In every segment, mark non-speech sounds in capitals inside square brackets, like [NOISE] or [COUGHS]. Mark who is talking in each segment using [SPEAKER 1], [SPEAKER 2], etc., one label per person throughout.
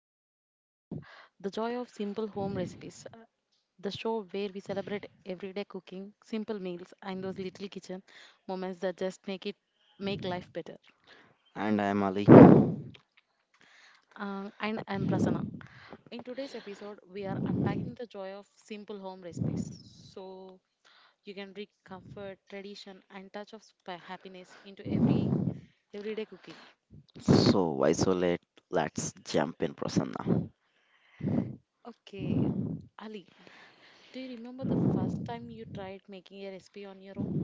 [SPEAKER 1] and soul, the joy of simple home recipes, the show where we celebrate everyday cooking, simple meals, and those little kitchen moments that just make life better.
[SPEAKER 2] And I am Ali.
[SPEAKER 1] And I'm Prasanna. In today's episode, we are unpacking the joy of simple home recipes, so you can bring comfort, tradition, and touch of happiness into everyday cooking.
[SPEAKER 2] So, why so late? Let's jump in, Prasanna.
[SPEAKER 1] Okay, Ali, do you remember the first time you tried making a recipe on your own?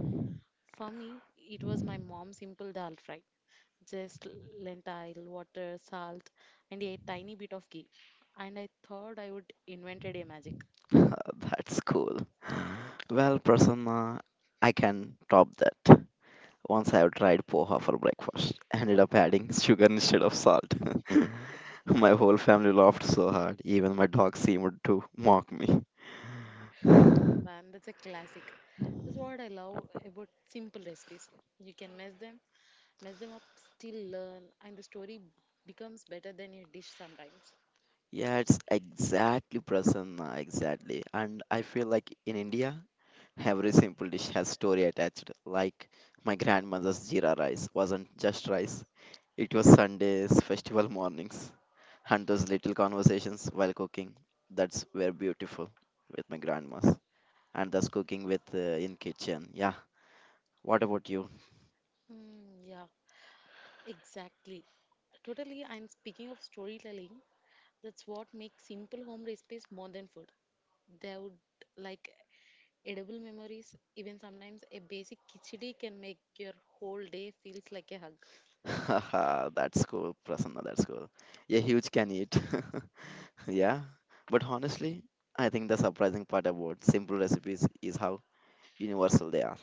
[SPEAKER 1] For me, it was my mom's simple dal fry. Just lentil, water, salt, and a tiny bit of ghee. And I thought I would invented a magic.
[SPEAKER 2] [LAUGHS] That's cool. Well, Prasanna, I can top that. Once I have tried poha for breakfast, ended up adding [LAUGHS] sugar instead of salt. [LAUGHS] My whole family laughed so hard, even my dog seemed to mock me.
[SPEAKER 1] Oh
[SPEAKER 2] [LAUGHS]
[SPEAKER 1] man, that's a classic. That's what I love about simple recipes. You can mess them up, still learn, and the story becomes better than a dish sometimes.
[SPEAKER 2] Yeah, it's exactly Prasanna, exactly. And I feel like in India, every simple dish has story attached, like my grandmother's jeera rice wasn't just rice. It was Sundays, festival mornings, and those little conversations while cooking. That's were beautiful with my grandmas, and thus cooking with in kitchen. Yeah. What about you?
[SPEAKER 1] Mm, yeah. Exactly. Totally, and speaking of storytelling, that's what makes simple home recipes more than food. They would like edible memories, even sometimes a basic khichdi can make your whole day feels like a hug.
[SPEAKER 2] [LAUGHS] That's cool, Prasanna. That's cool. Yeah, huge can eat. [LAUGHS] Yeah, but honestly, I think the surprising part about simple recipes is how universal they are.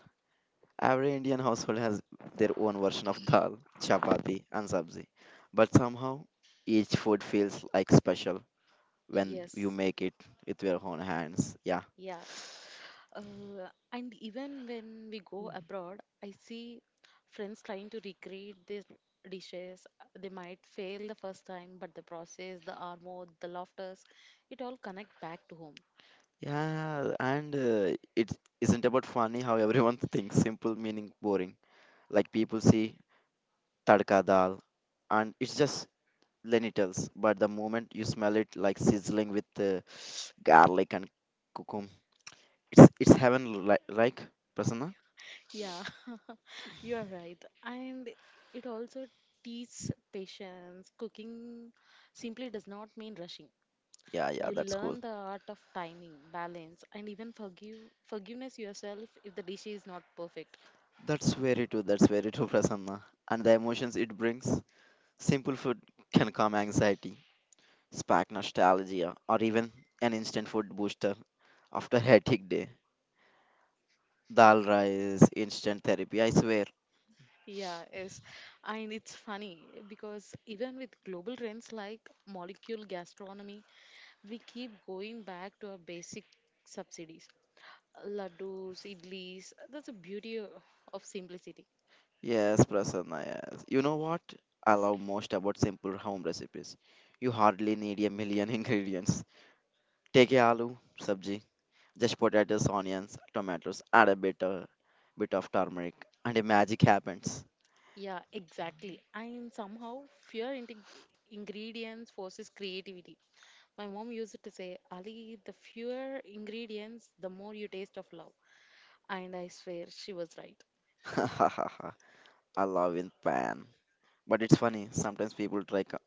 [SPEAKER 2] Every Indian household has their own version of dal, chapati, and sabzi, but somehow each food feels like special when you
[SPEAKER 1] Yes,
[SPEAKER 2] make it with your own hands. Yeah,
[SPEAKER 1] yeah. And even when we go abroad, I see friends trying to recreate these dishes. They might fail the first time, but the process, the armor, the laughters, it all connect back to home.
[SPEAKER 2] yeah, and it isn't about funny how everyone [LAUGHS] thinks simple meaning boring. Like people see tadka dal, and it's just lentils, but the moment you smell it, like sizzling with [SNIFFS] garlic and cucum, it's heaven li- like Prasanna.
[SPEAKER 1] Yeah, [LAUGHS] you are right. And it also teaches patience. Cooking simply does not mean rushing.
[SPEAKER 2] Yeah, yeah,
[SPEAKER 1] You
[SPEAKER 2] that's cool.
[SPEAKER 1] learn the art of timing, balance, and even forgiveness yourself if the dish is not perfect.
[SPEAKER 2] That's very true. That's very true, Prasanna. And the emotions it brings. Simple food can calm anxiety, spark nostalgia, or even an instant food booster after a hectic day. Dal rice, instant therapy, I swear.
[SPEAKER 1] Yeah, yes. And it's funny because even with global trends like molecular gastronomy, we keep going back to our basic subsidies. Laddus, idlis, that's the beauty of simplicity.
[SPEAKER 2] Yes, Prasanna, yes. You know what I love most about simple home recipes? You hardly need a million [LAUGHS] ingredients. Take a aloo, sabji, just potatoes, onions, tomatoes, add a bit, bit of turmeric, and a magic happens.
[SPEAKER 1] Yeah, exactly. And somehow fear ingredients forces creativity. My mom used to say, Ali, the fewer ingredients, the more you taste of love. And I swear she was right.
[SPEAKER 2] [LAUGHS] I love in pan. But it's funny, sometimes people try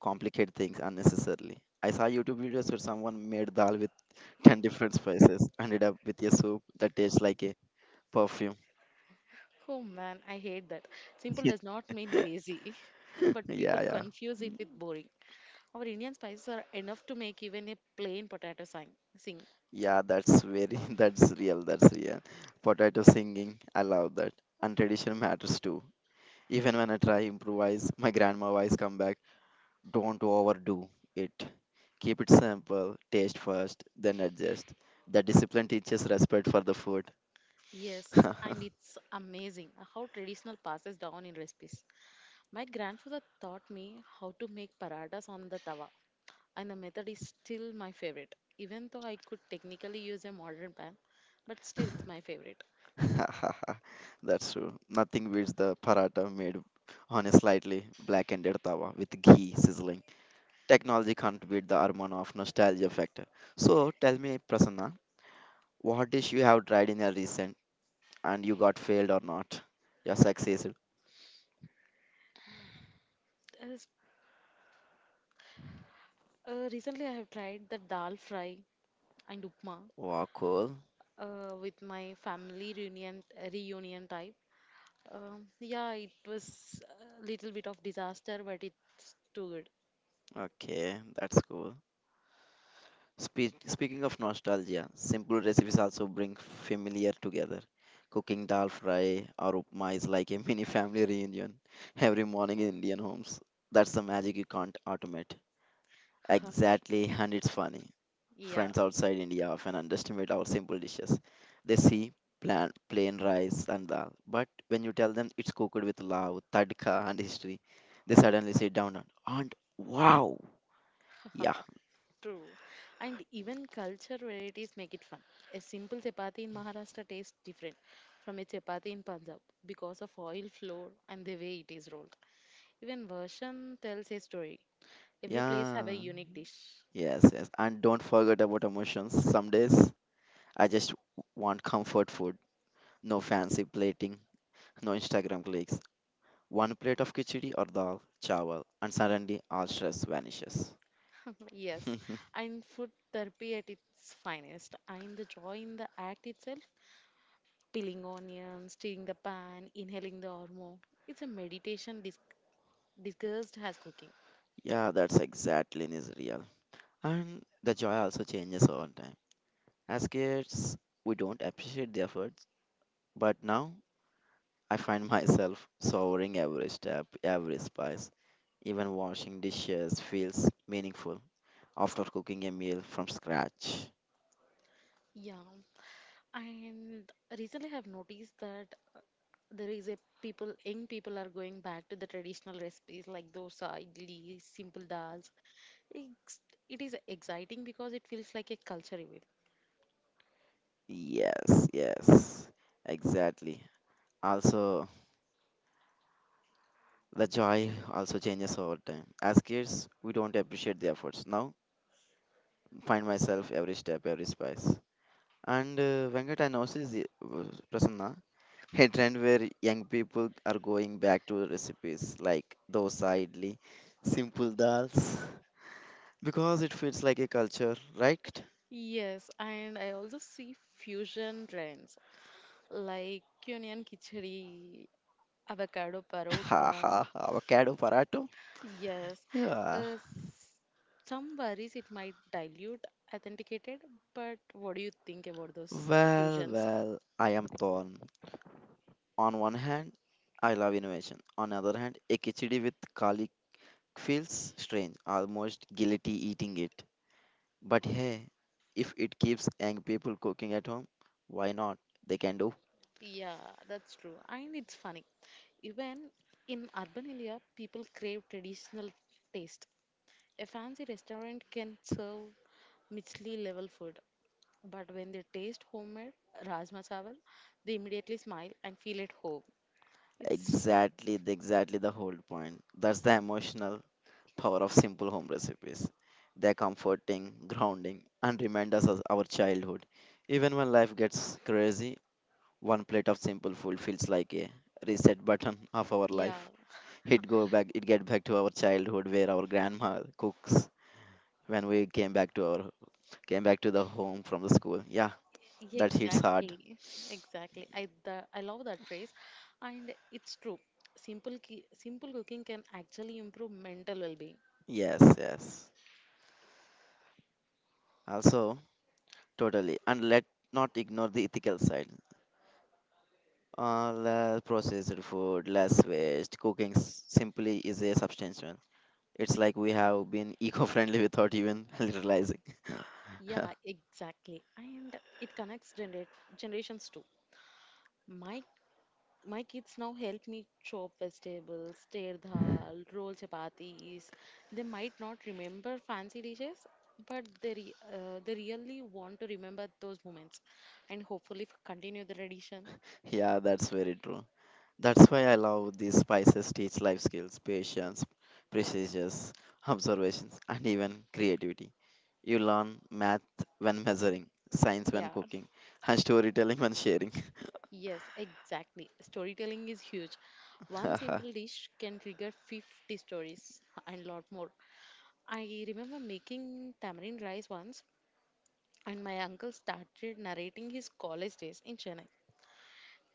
[SPEAKER 2] complicate things unnecessarily. I saw YouTube videos where someone made dal with 10 different spices, ended up with a soup that tastes like a perfume.
[SPEAKER 1] Oh man, I hate that. Simple does
[SPEAKER 2] [LAUGHS]
[SPEAKER 1] not mean lazy, [LAUGHS] but people
[SPEAKER 2] Yeah, yeah.
[SPEAKER 1] confuse it with boring. Our Indian spices are enough to make even a plain potato sing.
[SPEAKER 2] Yeah, that's very, [LAUGHS] that's real, that's real. Potato singing, I love that. And tradition matters too. Even when I try improvise, my grandma always come back, don't overdo it. Keep it simple, taste first, then adjust. The discipline teaches respect for the food.
[SPEAKER 1] Yes, and
[SPEAKER 2] [LAUGHS]
[SPEAKER 1] it's amazing how traditional passes down in recipes. My grandfather taught me how to make paratas on the tawa, and the method is still my favorite. Even though I could technically use a modern pan, but still it's my favorite.
[SPEAKER 2] That's true. Nothing beats the paratha made on a slightly blackened tawa with ghee sizzling. Technology can't beat the aroma of nostalgia factor. So tell me, Prasanna, what dish you have tried in your recent and you got failed or not? Your success.
[SPEAKER 1] As- recently, I have tried the dal fry and upma
[SPEAKER 2] Wow, cool.
[SPEAKER 1] with my family reunion type. Yeah, it was a little bit of disaster, but it's too good.
[SPEAKER 2] Okay, that's cool. Speaking of nostalgia, simple recipes also bring familiar together. Cooking dal fry or upma is like a [LAUGHS] mini family reunion every morning in Indian homes. That's the magic you can't automate.
[SPEAKER 1] [LAUGHS] Haha.
[SPEAKER 2] Exactly, and it's funny.
[SPEAKER 1] Yeah.
[SPEAKER 2] Friends outside India often underestimate our simple dishes. They see plain rice and dal, but when you tell them it's cooked with love, tadka, and history, they suddenly sit down and wow, yeah,
[SPEAKER 1] [LAUGHS] True. And even culture varieties make it fun. A simple chapati in Maharashtra tastes different from a chapati in Punjab because of oil flour and the way it is rolled. Even version tells a story. Every place have a
[SPEAKER 2] yeah.
[SPEAKER 1] unique dish.
[SPEAKER 2] Yes, yes. And don't forget about emotions. Some days I just want comfort food. No fancy plating, no Instagram clicks. One plate of khichdi or dal, chawal, and suddenly all stress vanishes.
[SPEAKER 1] [LAUGHS] Yes,
[SPEAKER 2] [LAUGHS]
[SPEAKER 1] and food therapy at its finest. And the joy in the act itself, peeling onions, stirring the pan, inhaling the aroma. It's a meditation disguised as cooking.
[SPEAKER 2] Yeah, that's exactly in Israel, and the joy also changes over time. As kids, we don't appreciate the efforts, but now I find myself savoring every step, every spice. Even washing dishes feels meaningful after cooking a meal from scratch.
[SPEAKER 1] Yeah, and recently I've noticed that there is a people young people are going back to the traditional recipes like dosa idli simple dals it's, it is exciting because it feels like a culture event
[SPEAKER 2] Yes, yes, exactly. Also, the joy also changes over time. As kids, we don't appreciate the efforts. Now, find myself every step, every spice. And Venkat, I noticed, Prasanna, a trend where young people are going back to recipes like dosa, idli, simple dals because it feels like a culture, right?
[SPEAKER 1] yes and I also see fusion trends like onion khichdi avocado
[SPEAKER 2] [LAUGHS]
[SPEAKER 1] parota
[SPEAKER 2] Ha ha, avocado parato.
[SPEAKER 1] yes uh,
[SPEAKER 2] Yeah.
[SPEAKER 1] s- some worries it might dilute authenticated but what do you think about those
[SPEAKER 2] Well,
[SPEAKER 1] fusions
[SPEAKER 2] well, I am torn. On one hand, I love innovation. On the other hand, a khichdi with garlic feels strange, almost guilty eating it. But hey, if it keeps young people cooking at home, why not? They can do
[SPEAKER 1] yeah that's true and it's funny. Even in urban India, people crave traditional taste. A fancy restaurant can serve Michelin level food, but when they taste homemade rajma chawal, they immediately smile and feel at home. It's di-
[SPEAKER 2] exactly, exactly the whole point. That's the emotional power of simple home recipes. They're comforting, grounding, and remind us of our childhood. Even when life gets crazy, one plate of simple food feels like a reset button of our
[SPEAKER 1] yeah,
[SPEAKER 2] life. It go back, it get back to our childhood where our grandma cooks when we came back to our came back to the home from the school. Yeah,
[SPEAKER 1] yeah,
[SPEAKER 2] that hits hard.
[SPEAKER 1] exactly. I love that phrase, and it's true. Simple cooking can actually improve mental well-being.
[SPEAKER 2] Yes, yes. Also, totally. And let not ignore the ethical side. Less processed food, less waste. Cooking simply is a substantial. It's like we have been [LAUGHS] eco-friendly without even [LAUGHS] realizing. [LAUGHS]
[SPEAKER 1] Yeah, exactly. And it connects generations too. My My kids now help me chop vegetables, stir dal, roll chapatis. They might not remember fancy dishes, but they really want to remember those moments, and hopefully continue the tradition.
[SPEAKER 2] Yeah, that's very true. That's why I love these spices teach life skills, patience, precision, [LAUGHS] observations, and even creativity. You learn math when measuring, science when
[SPEAKER 1] Yeah,
[SPEAKER 2] cooking, and storytelling when sharing.
[SPEAKER 1] yes, exactly. Storytelling is huge. One simple dish can trigger 50 stories [LAUGHS] and lot more. I remember making tamarind rice once, and my uncle started narrating his college days in Chennai.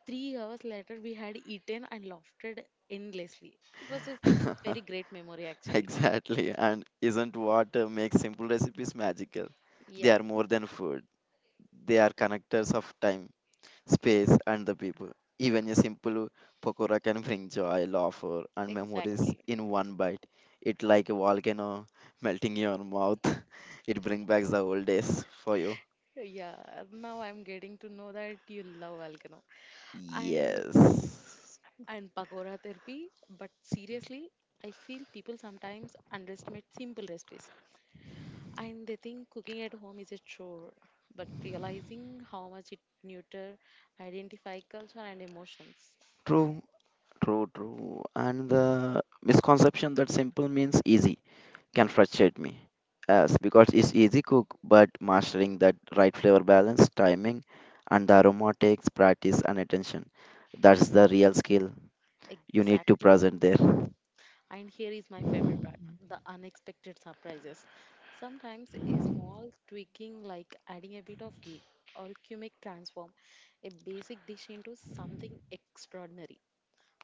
[SPEAKER 1] 3 hours later, we had eaten and laughed endlessly. It was a
[SPEAKER 2] [LAUGHS]
[SPEAKER 1] very great memory,
[SPEAKER 2] [LAUGHS]
[SPEAKER 1] actually.
[SPEAKER 2] Exactly, and isn't what makes simple recipes magical? They
[SPEAKER 1] Yeah,
[SPEAKER 2] are more than food, they are connectors of time, space, and the people. Even a simple pakora can bring joy, laughter, and memories
[SPEAKER 1] exactly.
[SPEAKER 2] in one bite. It like a volcano melting in your mouth. [LAUGHS] It brings back the old days for you.
[SPEAKER 1] Yeah, now I'm getting to know that you love Volcano. And
[SPEAKER 2] Yes.
[SPEAKER 1] and pakora therapy, but seriously, I feel people sometimes underestimate simple recipes and they think cooking at home is a chore, but realizing how much it nurture identify culture and emotions.
[SPEAKER 2] True, true, true. And the misconception that simple means easy can frustrate me. Yes, because it's easy cook, but mastering that right flavor balance, timing, and the aroma takes practice and attention. That's the real skill you need to
[SPEAKER 1] Exactly.
[SPEAKER 2] present there.
[SPEAKER 1] And here is my favorite part the unexpected surprises. Sometimes a small tweaking like adding a bit of ghee or cumic transform a basic dish into something extraordinary.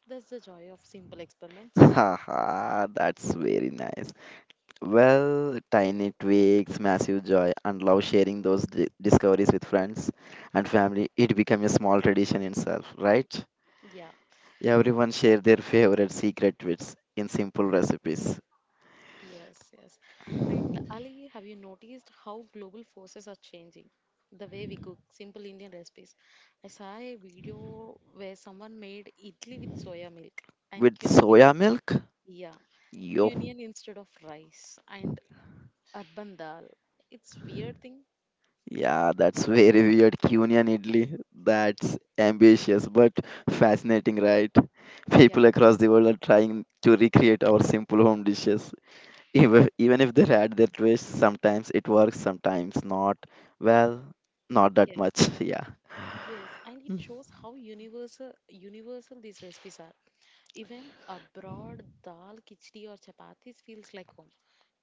[SPEAKER 1] That's the joy of simple
[SPEAKER 2] [LAUGHS]
[SPEAKER 1] experiments.
[SPEAKER 2] Haha, that's very nice. Well, tiny tweaks, massive joy, and love sharing those discoveries with friends and family. It became a small tradition itself, right?
[SPEAKER 1] Yeah,
[SPEAKER 2] Everyone share their favorite secret tweets in simple recipes
[SPEAKER 1] yes, yes. And Ali, have you noticed how global forces are changing? The way we cook simple Indian recipes. I saw a video where someone made idli with soya milk and
[SPEAKER 2] with soya milk.
[SPEAKER 1] yeah,
[SPEAKER 2] Yo.
[SPEAKER 1] Cunian instead of rice and urban dal. It's weird thing.
[SPEAKER 2] Yeah, that's very weird. Cunian idli. That's ambitious but fascinating, right?
[SPEAKER 1] Yeah,
[SPEAKER 2] People across the world are trying to recreate our simple home dishes. Even, even if they had their twists, sometimes it works, sometimes not. Well, not that
[SPEAKER 1] yes.
[SPEAKER 2] much. [LAUGHS] Yeah.
[SPEAKER 1] Yes, and it
[SPEAKER 2] Mm.
[SPEAKER 1] shows how universal these recipes are. Even abroad, dal, khichdi or chapatis feels like home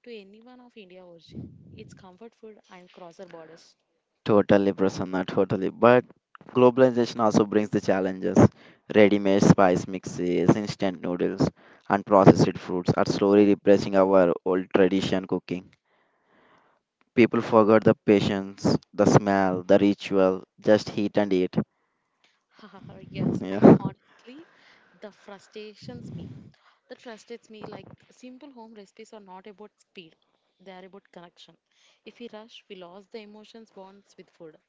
[SPEAKER 1] to anyone of India origin. It's comfort food and crosser borders.
[SPEAKER 2] Totally, Prasanna, totally. But globalization also brings the challenges. Ready-made spice mixes, instant noodles, and processed foods are slowly replacing our old tradition cooking. People forgot the patience, the smell, the ritual, just heat and eat.
[SPEAKER 1] [LAUGHS] Yes, and
[SPEAKER 2] Yeah. [LAUGHS]
[SPEAKER 1] honestly, the frustrations me that frustrates me. Like simple home recipes are not about speed, they are about connection. If we rush, we lose the emotions bonds with food.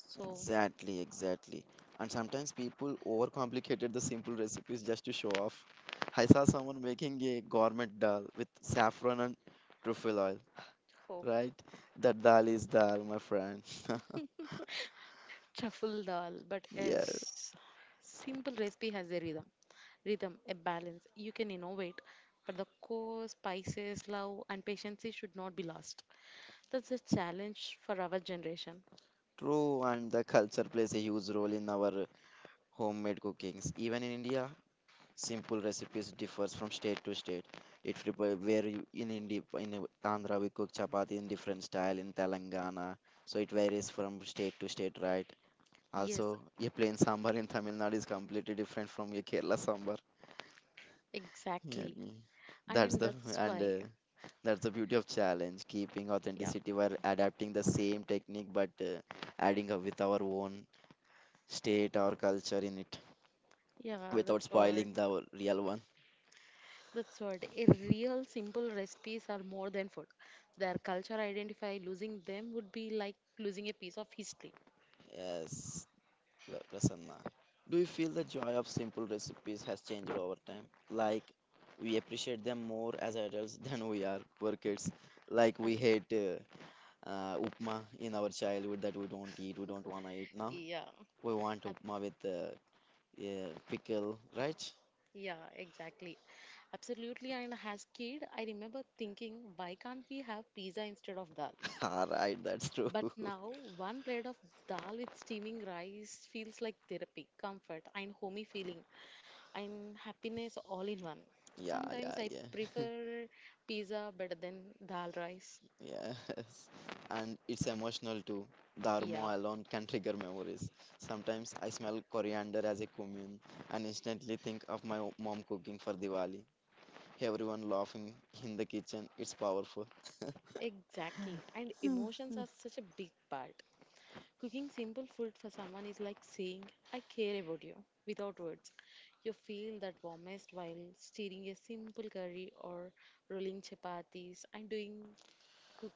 [SPEAKER 1] So,
[SPEAKER 2] Exactly, exactly. And sometimes people overcomplicated the simple recipes just to show off. I saw someone making a gourmet dal with saffron and truffle oil,
[SPEAKER 1] oh,
[SPEAKER 2] right? That dal is dal, my friend. [LAUGHS]
[SPEAKER 1] shuffle dal, but
[SPEAKER 2] Yeah,
[SPEAKER 1] yes, simple recipe has a rhythm, a balance. You can innovate, but the core spices, love, and patience should not be lost. That's a challenge for our generation.
[SPEAKER 2] true. And the culture plays a huge role in our homemade cookings. Even in India, simple recipes differs from state to state. It depends where you in India, in Andhra we cook chapati in different style in Telangana. So it varies from state to state, right?
[SPEAKER 1] Yes,
[SPEAKER 2] Also, a plain sambar in Tamil Nadu is completely different from your Kerala sambar. Yeah,
[SPEAKER 1] exactly.
[SPEAKER 2] I that's
[SPEAKER 1] And
[SPEAKER 2] the
[SPEAKER 1] that's
[SPEAKER 2] and
[SPEAKER 1] why,
[SPEAKER 2] that's the beauty of challenge, keeping
[SPEAKER 1] yeah,
[SPEAKER 2] authenticity while adapting the same technique but adding up with our own state or culture in it
[SPEAKER 1] yeah,
[SPEAKER 2] without
[SPEAKER 1] that's what.
[SPEAKER 2] spoiling the real one.
[SPEAKER 1] That's what a real simple recipes are more than food. Their culture identify losing them would be like losing a piece of history.
[SPEAKER 2] Yes. Well, Prasanna, do you feel the joy of simple recipes has changed over time? Like, we appreciate them more as adults [LAUGHS] than we are poor kids. Like, we
[SPEAKER 1] Ab-
[SPEAKER 2] hate upma in our childhood that we don't eat, we don't want to eat. Now,
[SPEAKER 1] yeah,
[SPEAKER 2] we want
[SPEAKER 1] Ab-
[SPEAKER 2] upma with yeah, pickle, right?
[SPEAKER 1] yeah, exactly. Absolutely. And as kid, I remember thinking, why can't we have pizza instead of dal?
[SPEAKER 2] [LAUGHS] Alright, that's true.
[SPEAKER 1] But
[SPEAKER 2] [LAUGHS]
[SPEAKER 1] now, one plate of dal with steaming rice feels like therapy, comfort, and homey feeling, and happiness all in one.
[SPEAKER 2] Yeah, yeah,
[SPEAKER 1] Sometimes I
[SPEAKER 2] yeah. [LAUGHS]
[SPEAKER 1] prefer pizza better than dal rice.
[SPEAKER 2] Yes, and it's emotional too. The aroma
[SPEAKER 1] Yeah.
[SPEAKER 2] alone can trigger memories. Sometimes I smell coriander as a cumin and instantly think of my mom cooking for Diwali. Everyone laughing in the kitchen, it's powerful. [LAUGHS]
[SPEAKER 1] Exactly. And emotions are such a big part. Cooking simple food for someone is like saying, I care about you, without words. You feel that warmest while stirring a simple curry or rolling chapatis and doing cook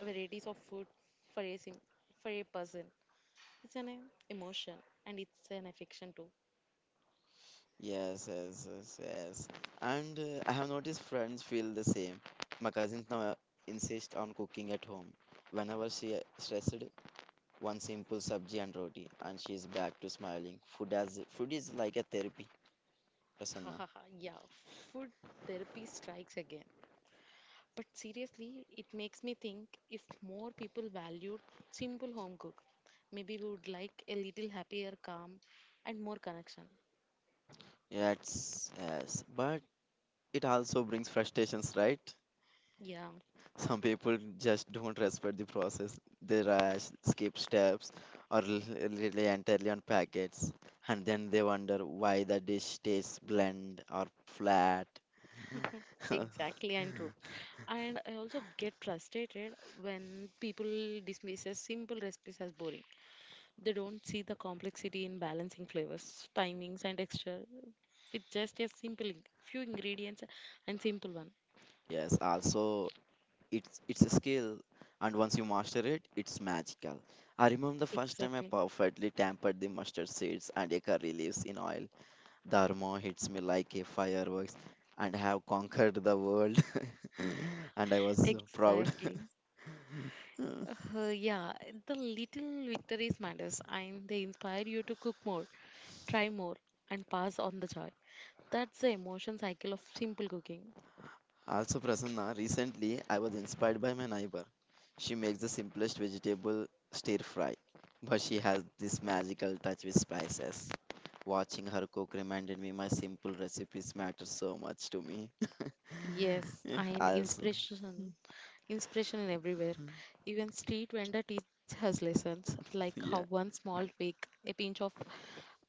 [SPEAKER 1] varieties of food for a for a person. It's an emotion and it's an affection too. [LAUGHS]
[SPEAKER 2] Yes, yes, yes, yes. And I have noticed friends feel the same. My cousins now insist on cooking at home. Whenever she stressed, one simple sabji and roti, and she's back to smiling. Food as food is like a therapy,
[SPEAKER 1] Ha ha
[SPEAKER 2] Prasanna.
[SPEAKER 1] ha. Yeah. Food therapy strikes again. But seriously, it makes me think if more people valued simple home cook, maybe we would like a little happier, calm, and more connection.
[SPEAKER 2] Yes, yes, but it also brings frustrations, right?
[SPEAKER 1] Yeah,
[SPEAKER 2] Some people just don't respect the process. They rush, skip steps, or rely entirely on packets, and then they wonder why the dish tastes bland or flat.
[SPEAKER 1] [LAUGHS]
[SPEAKER 2] [LAUGHS]
[SPEAKER 1] exactly, and true. And I also get frustrated when people dismisses simple recipes as boring. They don't see the complexity in balancing flavors, timings, and texture with just a simple few ingredients and simple one.
[SPEAKER 2] Yes, also it's a skill, and once you master it, it's magical. I remember the first time I
[SPEAKER 1] Exactly,
[SPEAKER 2] perfectly tempered the mustard seeds and a curry leaves in oil. Dharma hits me like a fireworks and have conquered the world. [LAUGHS] And I was so proud.
[SPEAKER 1] exactly.
[SPEAKER 2] [LAUGHS]
[SPEAKER 1] Yeah, the little victories matters and they inspire you to cook more, try more, and pass on the joy. That's the emotion cycle of simple cooking.
[SPEAKER 2] Also, Prasanna, recently I was inspired by my neighbor. She makes the simplest vegetable stir fry, but she has this magical touch with spices. Watching her cook reminded me my simple recipes matter so much to me. [LAUGHS]
[SPEAKER 1] Yes,
[SPEAKER 2] Yeah,
[SPEAKER 1] and
[SPEAKER 2] also,
[SPEAKER 1] inspiration in everywhere. Even street vendor teach us lessons, like how
[SPEAKER 2] yeah,
[SPEAKER 1] one small tweak, a pinch of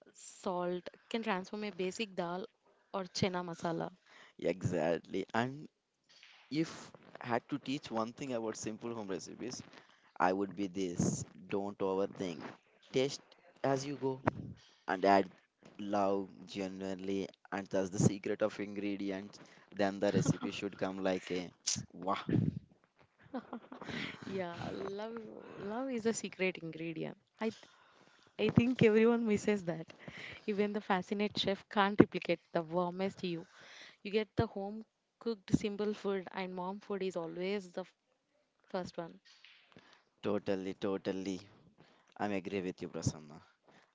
[SPEAKER 1] salt, can transform a basic dal or chena masala.
[SPEAKER 2] exactly. And if had to teach one thing about simple home recipes, I would be this. Don't overthink. Test as you go and add love genuinely. And that's the secret of ingredients. Then the recipe should come like a [TSK] wow.
[SPEAKER 1] [LAUGHS]
[SPEAKER 2] [SIGHS]
[SPEAKER 1] Yeah, love love is a secret ingredient. I think everyone misses that. Even the fascinate chef can't replicate the warmest you. You get the home cooked simple food, and mom food is always the first one.
[SPEAKER 2] Totally, totally. I'm agree with you, Prasanna.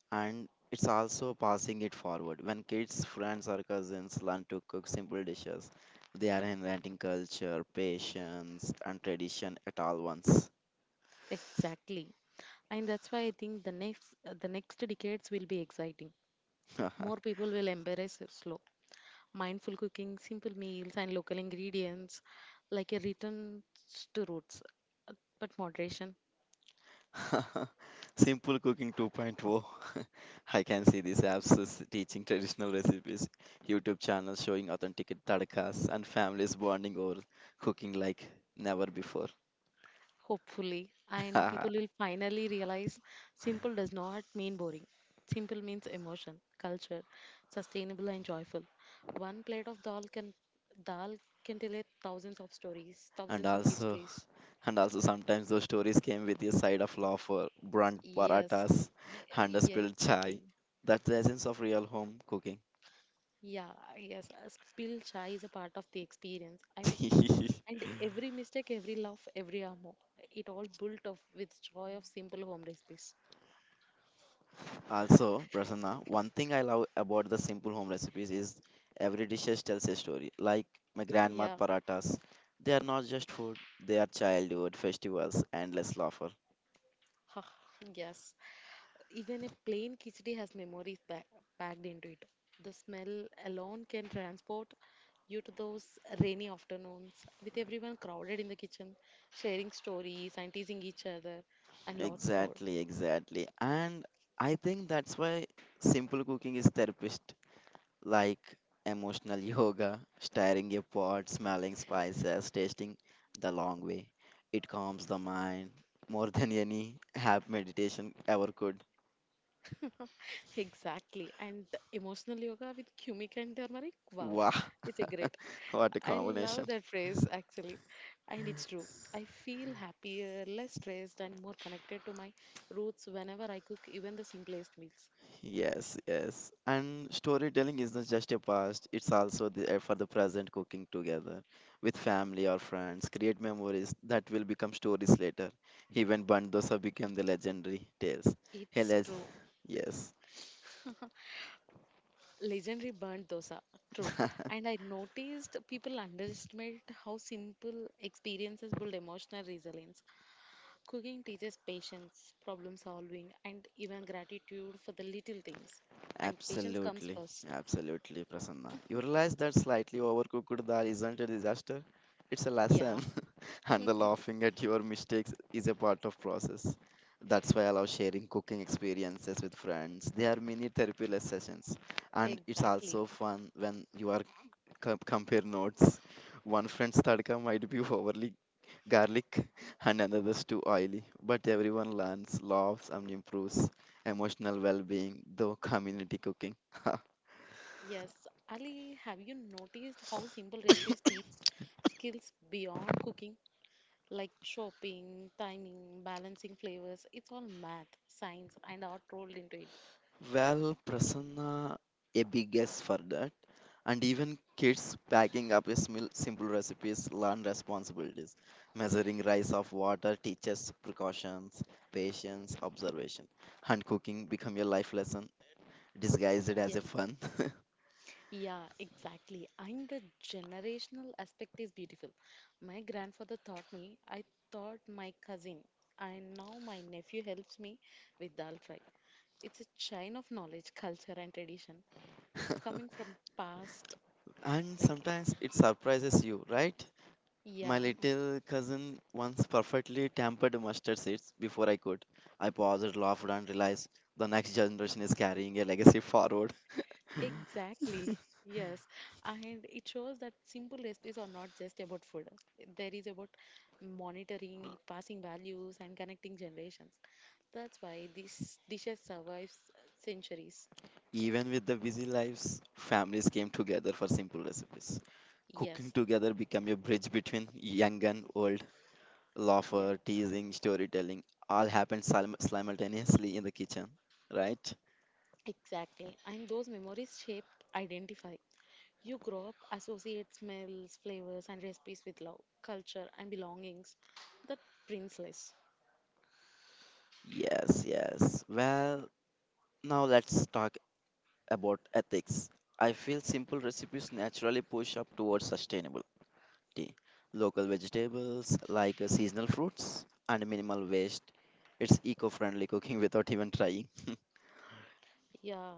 [SPEAKER 2] And it's also passing it forward. When kids, friends, or cousins learn to cook simple dishes, they are inventing culture, patience, and tradition at all once.
[SPEAKER 1] Exactly. And that's why I think the next decades will be exciting. More
[SPEAKER 2] [LAUGHS]
[SPEAKER 1] people will embrace it slow, mindful cooking, simple meals, and local ingredients, like a return to roots, uh, but moderation
[SPEAKER 2] [LAUGHS] Simple Cooking 2.0. [LAUGHS] I can see these apps is teaching traditional recipes, YouTube channels showing authentic tadkas, and families bonding over cooking like never before.
[SPEAKER 1] hopefully,
[SPEAKER 2] [LAUGHS]
[SPEAKER 1] and
[SPEAKER 2] and
[SPEAKER 1] people will finally realize simple does not mean boring. Simple means emotion, culture, sustainable and joyful. One plate of dal can tell it thousands of stories, thousands of
[SPEAKER 2] also,
[SPEAKER 1] histories.
[SPEAKER 2] and also sometimes those stories came with a side of laughter, burnt
[SPEAKER 1] Yes,
[SPEAKER 2] paratas, and a
[SPEAKER 1] yeah,
[SPEAKER 2] spilled chai.
[SPEAKER 1] exactly.
[SPEAKER 2] That's the essence of real home cooking.
[SPEAKER 1] Yeah, yes, a spill chai is a part of the experience. I mean,
[SPEAKER 2] [LAUGHS]
[SPEAKER 1] and every mistake, every laugh, every ammo, it all built off with joy of simple home recipes.
[SPEAKER 2] Also, Prasanna, one thing I love about the simple home recipes is every dishes tells a story. Like my grandma's
[SPEAKER 1] Yeah,
[SPEAKER 2] paratas, they are not just food; they are childhood festivals, endless laughter.
[SPEAKER 1] [LAUGHS] yes. Even a plain khichdi has memories packed into it. The smell alone can transport you to those rainy afternoons with everyone crowded in the kitchen, sharing stories and teasing each other, and lots more.
[SPEAKER 2] Exactly, exactly. And I think that's why simple cooking is therapist, like emotional [LAUGHS] yoga, stirring a pot, smelling spices, tasting the long way. It calms the mind more than any [LAUGHS] app meditation ever could.
[SPEAKER 1] [LAUGHS] exactly. And emotional yoga with cumic and turmeric. Wow,
[SPEAKER 2] Wow,
[SPEAKER 1] it's a great.
[SPEAKER 2] [LAUGHS] what a
[SPEAKER 1] I love
[SPEAKER 2] combination.
[SPEAKER 1] that phrase actually, and it's true. I feel happier, less stressed, and more connected to my roots whenever I cook even the simplest meals.
[SPEAKER 2] Yes, yes. And storytelling isn't just a past, it's also there for the present cooking together with family or friends. Create memories that will become stories later. Even Bandosa became the legendary tales. Hey,
[SPEAKER 1] It's
[SPEAKER 2] let's-
[SPEAKER 1] true.
[SPEAKER 2] yes.
[SPEAKER 1] Legendary burnt dosa. True. And
[SPEAKER 2] [LAUGHS]
[SPEAKER 1] I noticed people underestimate how simple experiences build emotional resilience. Cooking teaches patience, problem solving, and even gratitude for the little things. And patience comes
[SPEAKER 2] Absolutely,
[SPEAKER 1] first.
[SPEAKER 2] absolutely, Prasanna. You realize that slightly overcooked dal isn't a disaster; it's a
[SPEAKER 1] Yeah,
[SPEAKER 2] lesson, [LAUGHS] and the laughing at your mistakes is a part of process. That's why I love sharing cooking experiences with friends. They are mini therapy sessions, and it's
[SPEAKER 1] exactly.
[SPEAKER 2] also fun when you are compare notes. One friend's tadka might be overly garlic [LAUGHS] and another's too oily. But everyone learns, laughs, and improves emotional well being through community cooking. [COUGHS]
[SPEAKER 1] Yes. Ali, have you noticed how simple recipes teach
[SPEAKER 2] [LAUGHS]
[SPEAKER 1] skills beyond cooking? Like chopping, timing, balancing flavors. It's all math, science, and art rolled into it.
[SPEAKER 2] Well, Prasanna, a big yes for that. And even kids packing up a simple recipes learn responsibilities. Measuring rice of water teaches precautions, patience, observation. And cooking become a life lesson disguised as a
[SPEAKER 1] Yes,
[SPEAKER 2] fun.
[SPEAKER 1] yeah, exactly. And the generational aspect is beautiful. My grandfather taught me, I taught my cousin, and now my nephew helps me with dal fry. It's a chain of knowledge, culture, and tradition. It's coming from
[SPEAKER 2] [LAUGHS]
[SPEAKER 1] past,
[SPEAKER 2] And
[SPEAKER 1] like,
[SPEAKER 2] sometimes it surprises you, right?
[SPEAKER 1] yeah,
[SPEAKER 2] My little cousin once perfectly tampered mustard seeds before I could. I paused, laughed, and realized the next generation is carrying a legacy forward. [LAUGHS]
[SPEAKER 1] exactly. Yes, and it shows that simple recipes are not just about food. There is about monitoring, passing values, and connecting generations. That's why these dishes survives centuries.
[SPEAKER 2] Even with the busy lives, families came together for simple recipes. Cooking
[SPEAKER 1] Yes,
[SPEAKER 2] together became a bridge between young and old.
[SPEAKER 1] yeah,
[SPEAKER 2] Laughter, teasing, storytelling all happened simultaneously in the kitchen, right?
[SPEAKER 1] exactly. And those memories shape identify. You grow up, associate smells, flavors, and recipes with love, culture, and belongings that priceless.
[SPEAKER 2] Yes, yes. Well, now let's talk about ethics. I feel simple recipes naturally push up towards sustainability. Local vegetables, like seasonal fruits, and minimal waste. It's eco friendly cooking [LAUGHS] without even trying.
[SPEAKER 1] Yeah,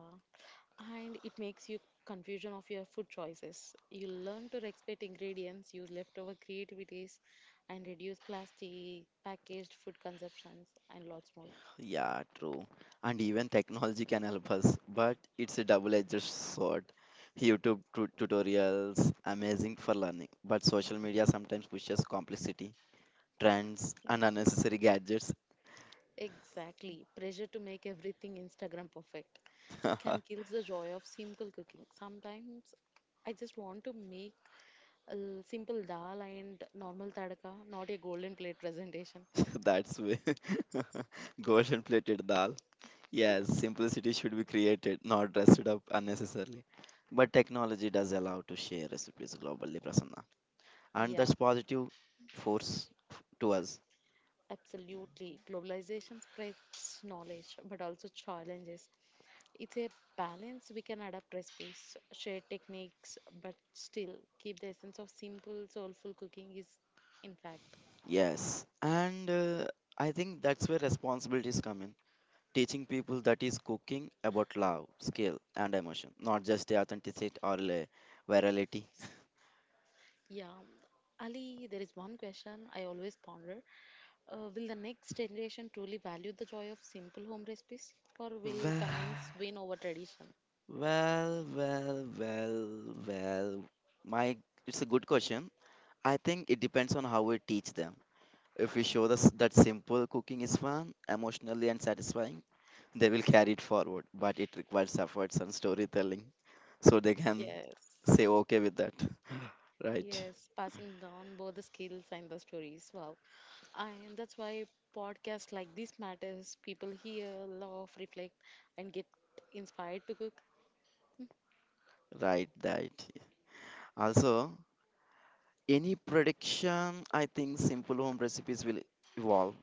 [SPEAKER 1] and it makes you confusion of your food choices. You learn to respect ingredients, use leftover creativities, and reduce plastic, packaged food consumptions, and lots more.
[SPEAKER 2] [LAUGHS] Yeah, true. And even technology can help us, but it's a double edged sword. YouTube tutorials, amazing for learning, but social media sometimes pushes complexity, trends,
[SPEAKER 1] Yeah.
[SPEAKER 2] and unnecessary gadgets.
[SPEAKER 1] Exactly. Pressure to make everything Instagram perfect can kill the joy of simple cooking. Sometimes I just want to make a simple dal and normal tadka, not a golden plate presentation.
[SPEAKER 2] [LAUGHS] That's way [LAUGHS] golden plated dal. Yes, simplicity should be created, not dressed up unnecessarily. But technology does allow to share recipes globally, Prasanna, and
[SPEAKER 1] Yeah,
[SPEAKER 2] that's positive force to us.
[SPEAKER 1] absolutely. Globalization spreads knowledge but also challenges. It's a balance. We can adapt recipes, share techniques, but still keep the essence of simple, soulful cooking is intact.
[SPEAKER 2] Yes, and I think that's where responsibilities come in. Teaching people that is cooking about love, skill, and emotion, not just the authenticity or virality.
[SPEAKER 1] Yeah, Ali, there is one question I always ponder. Will the next generation truly value the joy of simple home recipes or will
[SPEAKER 2] Well,
[SPEAKER 1] convenience win over tradition?
[SPEAKER 2] well, well, well, well. My, it's a good question. I think it depends on how we teach them. If we show us that simple cooking is fun, emotionally and satisfying, they will carry it forward. But it requires efforts and storytelling, so they can
[SPEAKER 1] Yes.
[SPEAKER 2] say okay with that. Right,
[SPEAKER 1] Yes, passing down both the skills and the stories. Wow. And that's why podcasts like this matters. People hear, laugh, reflect and get inspired to cook. [LAUGHS]
[SPEAKER 2] right, right. Also, any prediction, I think simple home recipes will evolve.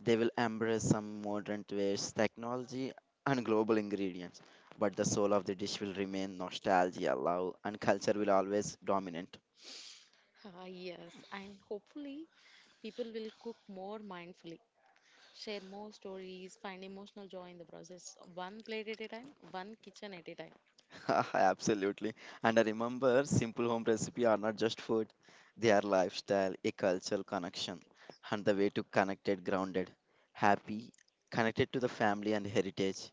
[SPEAKER 2] They will embrace some modern tastes, technology, and global ingredients. But the soul of the dish will remain nostalgia, love, and culture will always dominate.
[SPEAKER 1] Ah, yes, and hopefully people will cook more mindfully, share more stories, find emotional joy in the process, one plate at a time, one kitchen at a time.
[SPEAKER 2] [LAUGHS] Absolutely. And I remember simple home recipe are not just food, they are lifestyle, a cultural connection, and the way to connected, grounded, happy, connected to the family and heritage.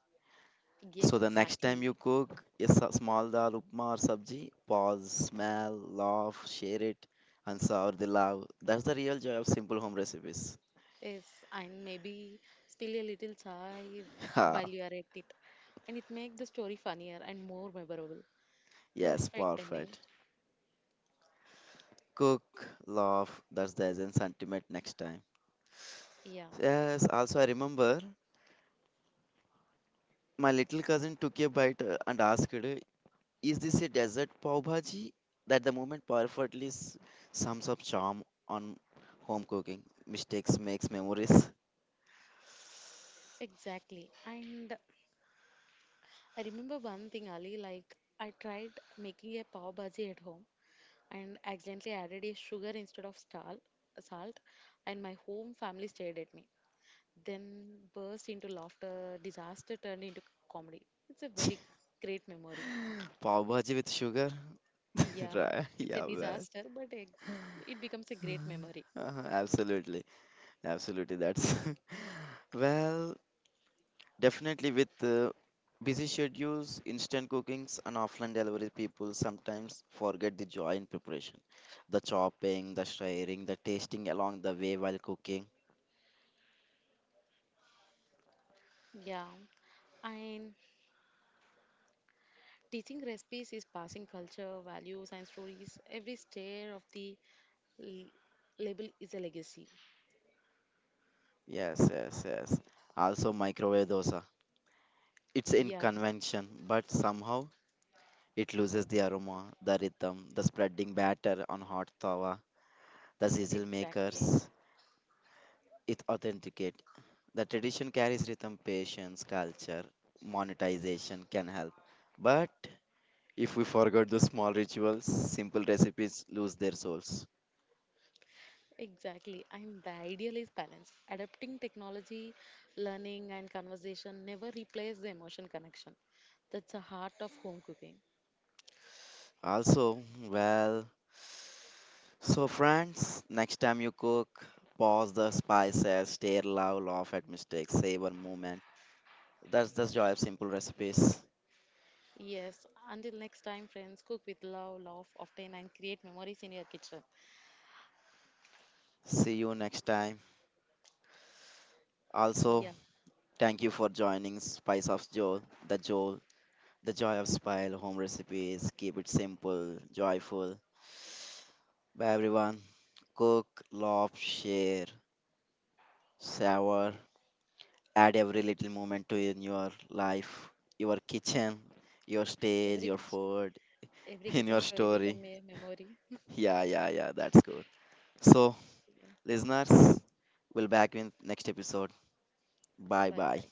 [SPEAKER 2] So the next time
[SPEAKER 1] Exactly.
[SPEAKER 2] you cook a small dal, upma or sabji, pause, smell, laugh, share it, and savor the love. That's the real joy of simple home recipes. [LAUGHS]
[SPEAKER 1] Yes, and maybe spill a little chai while
[SPEAKER 2] Ha,
[SPEAKER 1] you are at it, and it makes the story funnier and more memorable.
[SPEAKER 2] yes,
[SPEAKER 1] Perfect ending.
[SPEAKER 2] perfect. Cook, laugh, that's the essence ultimate next time.
[SPEAKER 1] Yeah,
[SPEAKER 2] Yes, also I remember my little cousin took a bite and asked, is this a desert pav bhaji? That the moment perfectly sums up charm on home cooking. Mistakes makes memories.
[SPEAKER 1] exactly. And I remember one thing, Ali, like I tried making a pav bhaji at home and accidentally added a sugar instead of salt, and my home family stared at me, then burst into laughter. Disaster turned into comedy. It's a very
[SPEAKER 2] [LAUGHS]
[SPEAKER 1] great memory.
[SPEAKER 2] Pav bhaji with sugar? [LAUGHS]
[SPEAKER 1] Yeah,
[SPEAKER 2] Right.
[SPEAKER 1] it's a
[SPEAKER 2] Yeah, well.
[SPEAKER 1] disaster, but it becomes a great memory.
[SPEAKER 2] [LAUGHS] Absolutely. Absolutely. That's. [LAUGHS] well, definitely with busy schedules, instant cookings, and offline delivery, people sometimes forget the joy in preparation. The chopping, the stirring, the tasting along the way while cooking.
[SPEAKER 1] Yeah, and teaching recipes is passing culture, values, and stories. Every stir of the l- label is a legacy.
[SPEAKER 2] Yes, yes, yes. Also, microwave dosa. It's in
[SPEAKER 1] Yeah,
[SPEAKER 2] convention, but somehow it loses the aroma, the rhythm, the spreading batter on hot tawa, the sizzle
[SPEAKER 1] exactly.
[SPEAKER 2] makers. It authenticate. The tradition carries rhythm, patience, culture, monetization can help. But if we forgot the small rituals, simple recipes lose their souls.
[SPEAKER 1] Exactly. And the ideal is balance. Adapting technology, learning, and conversation never replace the emotion connection. That's the heart of home cooking.
[SPEAKER 2] Also, well, so friends, next time you cook, pause the spices, stare loud, laugh at mistakes, savor moment. That's the joy of simple recipes.
[SPEAKER 1] Yes. Until next time, friends, cook with love, love, often, and create memories in your kitchen.
[SPEAKER 2] See you next time. Also,
[SPEAKER 1] Yeah.
[SPEAKER 2] thank you for joining Spice of Joe, the joy of Spile home recipes. Keep it simple, joyful. Bye everyone. Cook, love, share, savor. Add every little moment to in your life, your kitchen, your stage,
[SPEAKER 1] Every
[SPEAKER 2] your
[SPEAKER 1] kitchen,
[SPEAKER 2] food,
[SPEAKER 1] every
[SPEAKER 2] [LAUGHS] in your
[SPEAKER 1] kitchen story
[SPEAKER 2] story.
[SPEAKER 1] become a memory.
[SPEAKER 2] Yeah, yeah, yeah, that's good. So,
[SPEAKER 1] Yeah.
[SPEAKER 2] listeners, we'll back in next episode. Bye
[SPEAKER 1] Bye
[SPEAKER 2] bye.
[SPEAKER 1] bye.